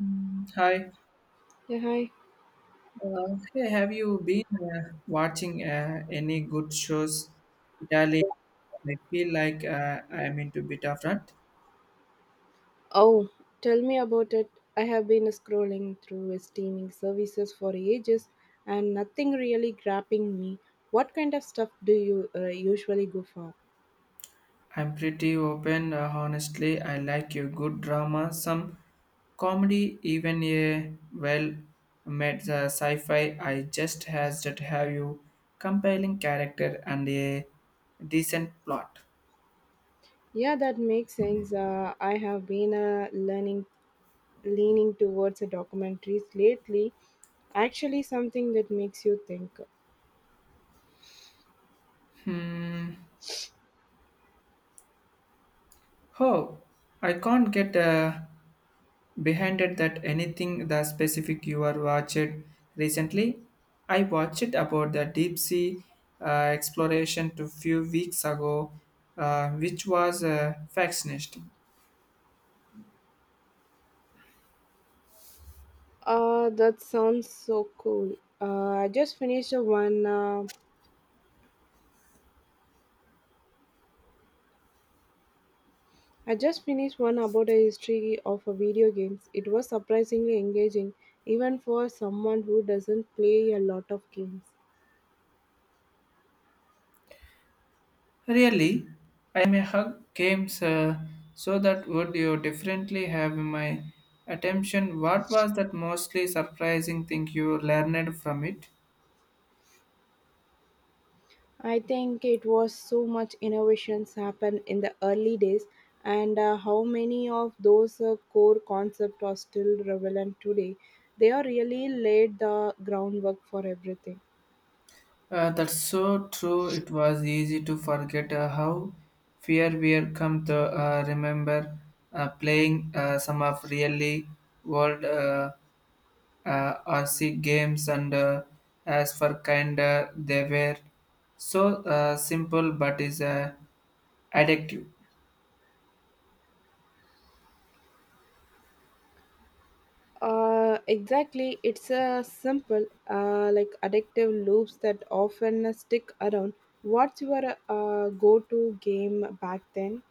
Hi. Yeah, hi. Hey, have you been watching any good shows? Italy. I feel like I'm into bit of that. Oh, tell me about it. I have been scrolling through streaming services for ages and nothing really grabbing me. What kind of stuff do you usually go for? I'm pretty open. Honestly, I like your good drama, some comedy, even a well-made sci-fi. I just has that have you compelling character and a decent plot. Yeah, that makes sense. I have been learning leaning towards documentaries lately. Actually, something that makes you think. Oh, I can't get behind it that anything the specific you are watched recently. I watched about the deep sea uh, exploration to few weeks ago, which was fascinating. That sounds so cool. I just finished one. I just finished one about the history of a video games. It was surprisingly engaging, even for someone who doesn't play a lot of games. Really, I may hug games, so that would you differently have my attention. What was that mostly surprising thing you learned from it? I think it was so much innovations happened in the early days, and how many of those core concepts are still relevant today. They are really laid the groundwork for everything. That's so true. It was easy to forget how fear we had come to, remember playing some of really old uh, RC games, and as for kinder, they were so simple but is addictive. Exactly. It's a simple, like addictive loops that often stick around. What's your go-to game back then?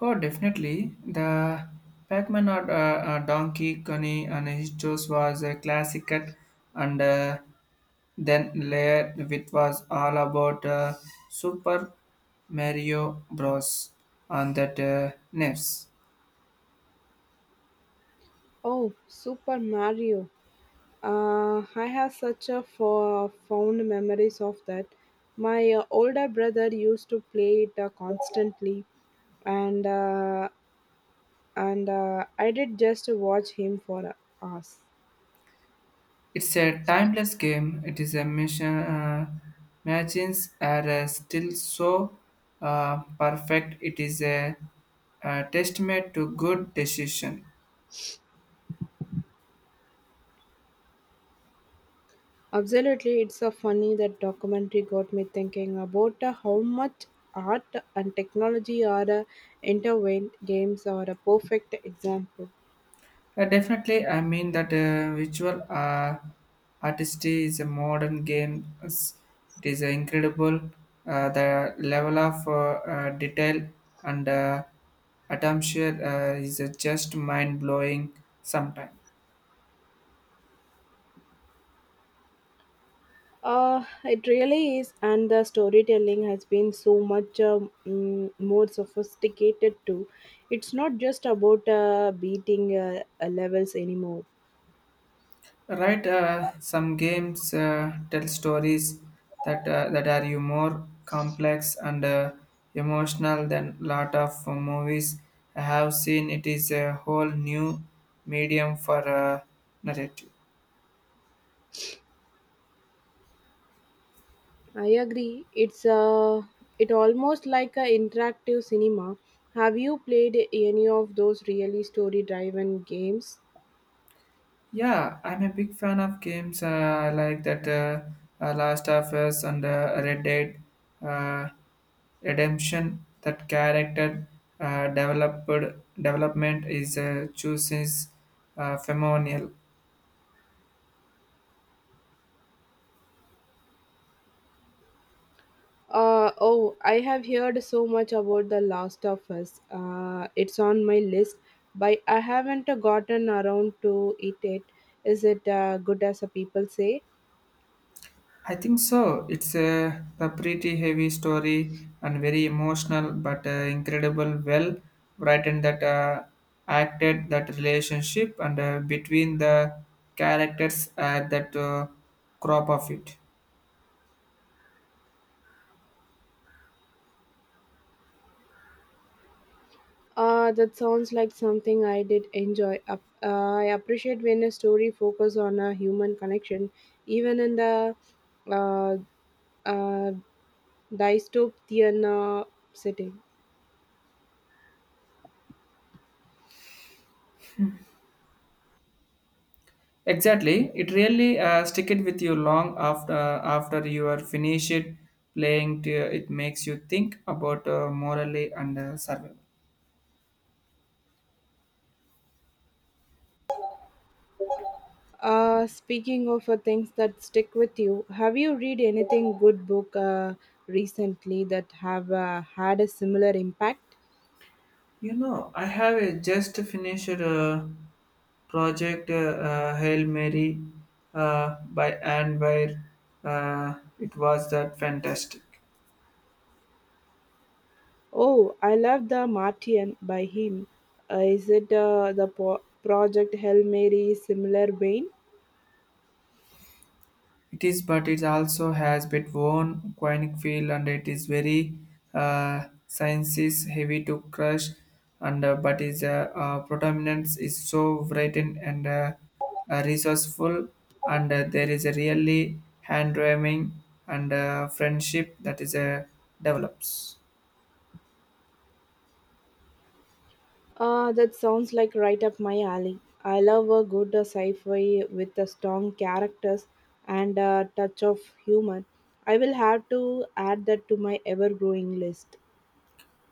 Oh, definitely. The Pac-Man or Donkey Kong and his shows was a classic, cut and then later it was all about Super Mario Bros. On that NES. Oh, Super Mario. I have such a fond memories of that. My older brother used to play it constantly, and uh, and I did just watch him for hours. It's a timeless game. It is a mission. Machines are still so perfect. It is a testament to good decision. Absolutely, it's so funny that documentary got me thinking about how much art and technology are intervened games are a perfect example. Definitely, I mean that visual artistry is a modern game. It's- It is incredible, the level of detail and attention is just mind blowing sometimes. It really is, and the storytelling has been so much more sophisticated too. It's not just about beating levels anymore. Right, some games tell stories that are you more complex and emotional than lot of movies I have seen. It is a whole new medium for narrative. I agree. It's it almost like a interactive cinema. Have you played any of those really story-driven games? Yeah, I'm a big fan of games. I like that Last of Us and Red Dead uh, Redemption. That character developed development is chooses phenomenal. Oh, I have heard so much about The Last of Us. It's on my list, but I haven't gotten around to it yet. Is it good as people say? I think so. It's a pretty heavy story and very emotional, but incredible, well written that acted that relationship and between the characters at that crop of it. That sounds like something I did enjoy. I appreciate when a story focuses on a human connection, even in the uh, uh, dystopian setting. Exactly, it really stick it with you long after you are finished playing. To, it makes you think about morally and survival. Speaking of things that stick with you, have you read anything good book recently that have had a similar impact? You know, I have a just finished project, Hail Mary, by Anne Weir. It was that fantastic. Oh, I love The Martian by him. Is it the Project Hail Mary similar vein? It is, but it also has bit worn quinic feel, and it is very sciences heavy to crush. And but its predominance is so brightened and resourceful, and there is a really hand ramming and friendship that is develops. That sounds like right up my alley. I love a good sci-fi with a strong characters and a touch of humor. I will have to add that to my ever-growing list.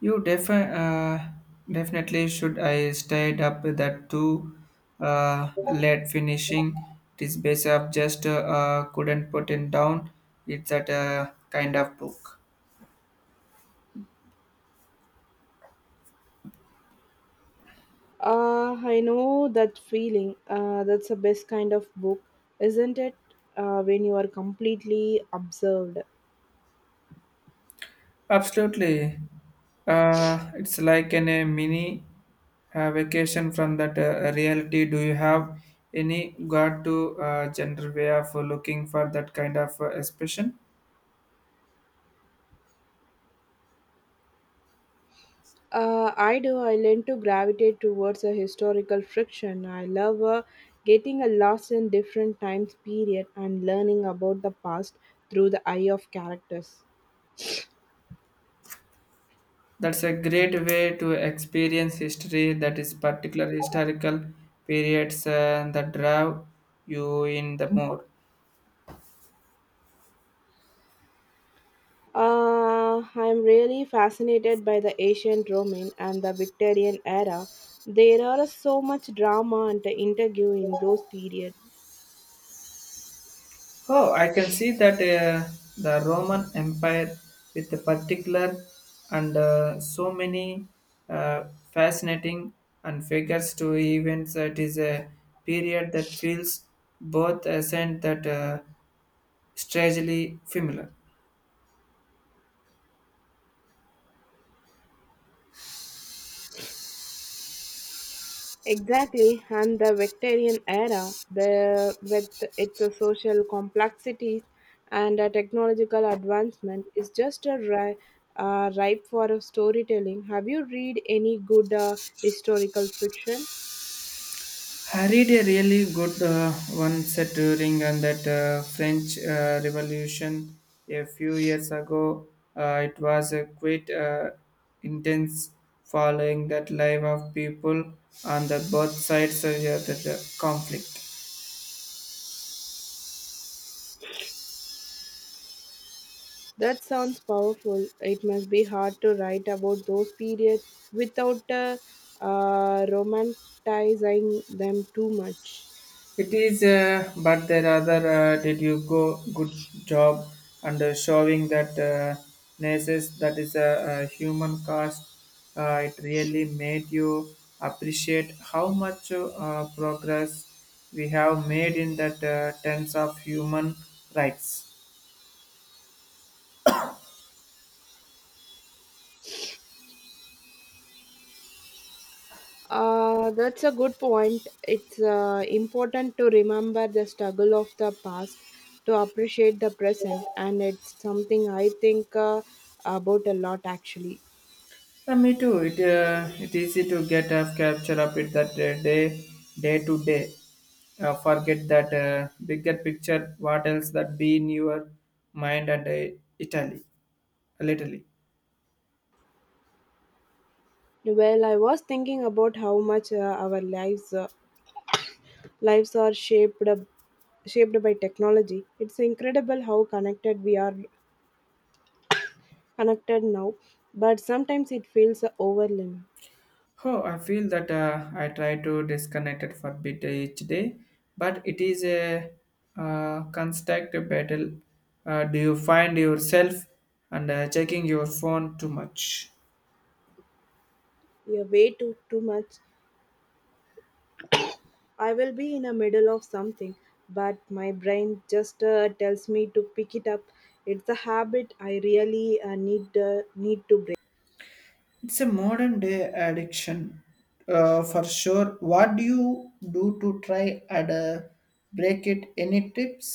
You defi- uh, Definitely should. I stayed up that too late finishing. This base up just couldn't put it down. It's that kind of book. I know that feeling. That's the best kind of book, isn't it? When you are completely observed. Absolutely. It's like an, a mini vacation from that reality. Do you have any guard to general way of looking for that kind of expression? I do. I learn to gravitate towards a historical fiction. I love getting a lost in different times period and learning about the past through the eye of characters. That's a great way to experience history that is particular historical periods that draw you in the more. I'm really fascinated by the ancient Roman and the Victorian era. There are so much drama and interview in those periods. Oh, I can see that the Roman Empire with the particular and so many uh, fascinating and figures to events. It is a period that feels both ascent that strangely familiar. Exactly, and the Victorian era, the with its social complexities and a technological advancement, is just a ripe for a storytelling. Have you read any good historical fiction? I read a really good one set during that French Revolution a few years ago. It was a quite intense following that life of people on the both sides of the conflict. That sounds powerful. It must be hard to write about those periods without romanticizing them too much. It is, but the other did you go good job and showing that nurses that is a human cost. It really made you appreciate how much progress we have made in that terms of human rights. That's a good point. It's important to remember the struggle of the past to appreciate the present, and it's something I think about a lot actually. Yeah, me too. It easy to get a capture of it that day to day, forget that bigger picture what else that be in your mind and italy literally. Well, I was thinking about how much our lives are shaped by technology. It's incredible how connected we are connected now, but sometimes it feels overwhelming. Oh I feel that, I try to disconnect it for a bit each day but it is a constant battle. Do you find yourself and checking your phone too much? Yeah, way too much. I will be in the middle of something, but my brain just tells me to pick it up. It's a habit I really need to break. It's a modern day addiction, for sure. what do you do to try and break it, any tips?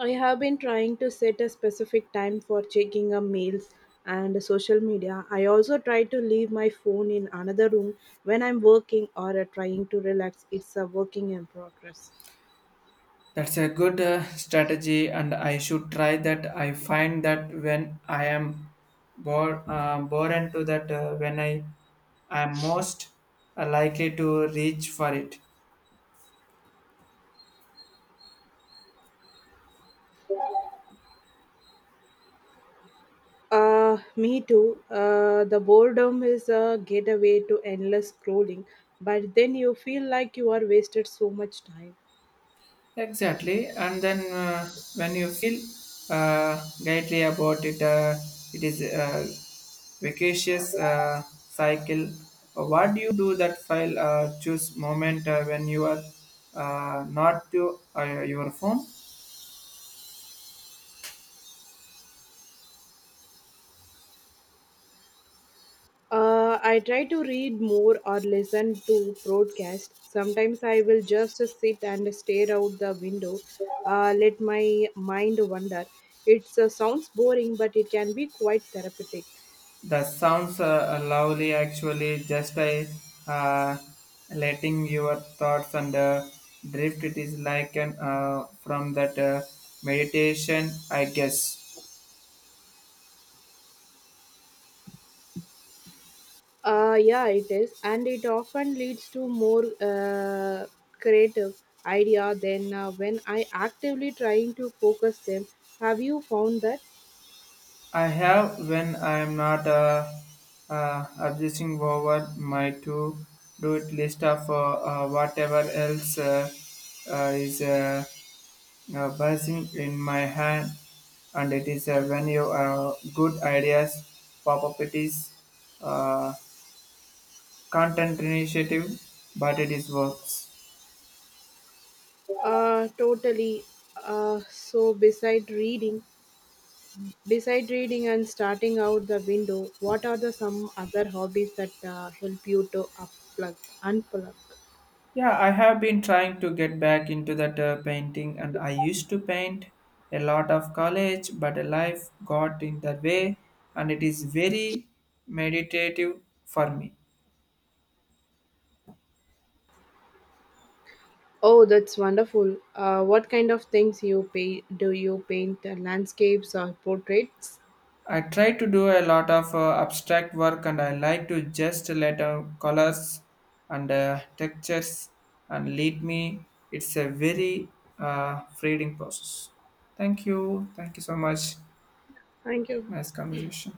I have been trying to set a specific time for checking mails and social media. I also try to leave my phone in another room when I'm working or trying to relax. It's a working in progress. That's a good strategy, and I should try that. I find that when I am born to that, when I am most likely to reach for it. Me too. The boredom is a gateway to endless scrolling, but then you feel like you are wasted so much time. Exactly, and then when you feel guilty about it, it is a vacacious cycle. What do you do that file? Choose moment when you are not to your phone. I try to read more or listen to broadcast. Sometimes I will just sit and stare out the window, let my mind wander. It sounds boring, but it can be quite therapeutic. That sounds lovely, actually. Just uh, letting your thoughts and drift. It is like an from that meditation, I guess. Yeah, it is, and it often leads to more creative idea than when I actively trying to focus them. Have you found that? I have when I am not obsessing over my to do it list of whatever else is. Buzzing in my head, and it is when you good ideas pop up. It is uh, content initiative, but it is works. Totally. So beside reading and starting out the window, what are the some other hobbies that help you to unplug? Yeah, I have been trying to get back into that painting, and I used to paint a lot of college, but life got in the way, and it is very meditative for me. Oh, that's wonderful. What kind of things you pay? Do you paint landscapes or portraits? I try to do a lot of abstract work and I like to just let out colors and textures and lead me. It's a very freeing process. Thank you. Thank you so much. Thank you. Nice conversation.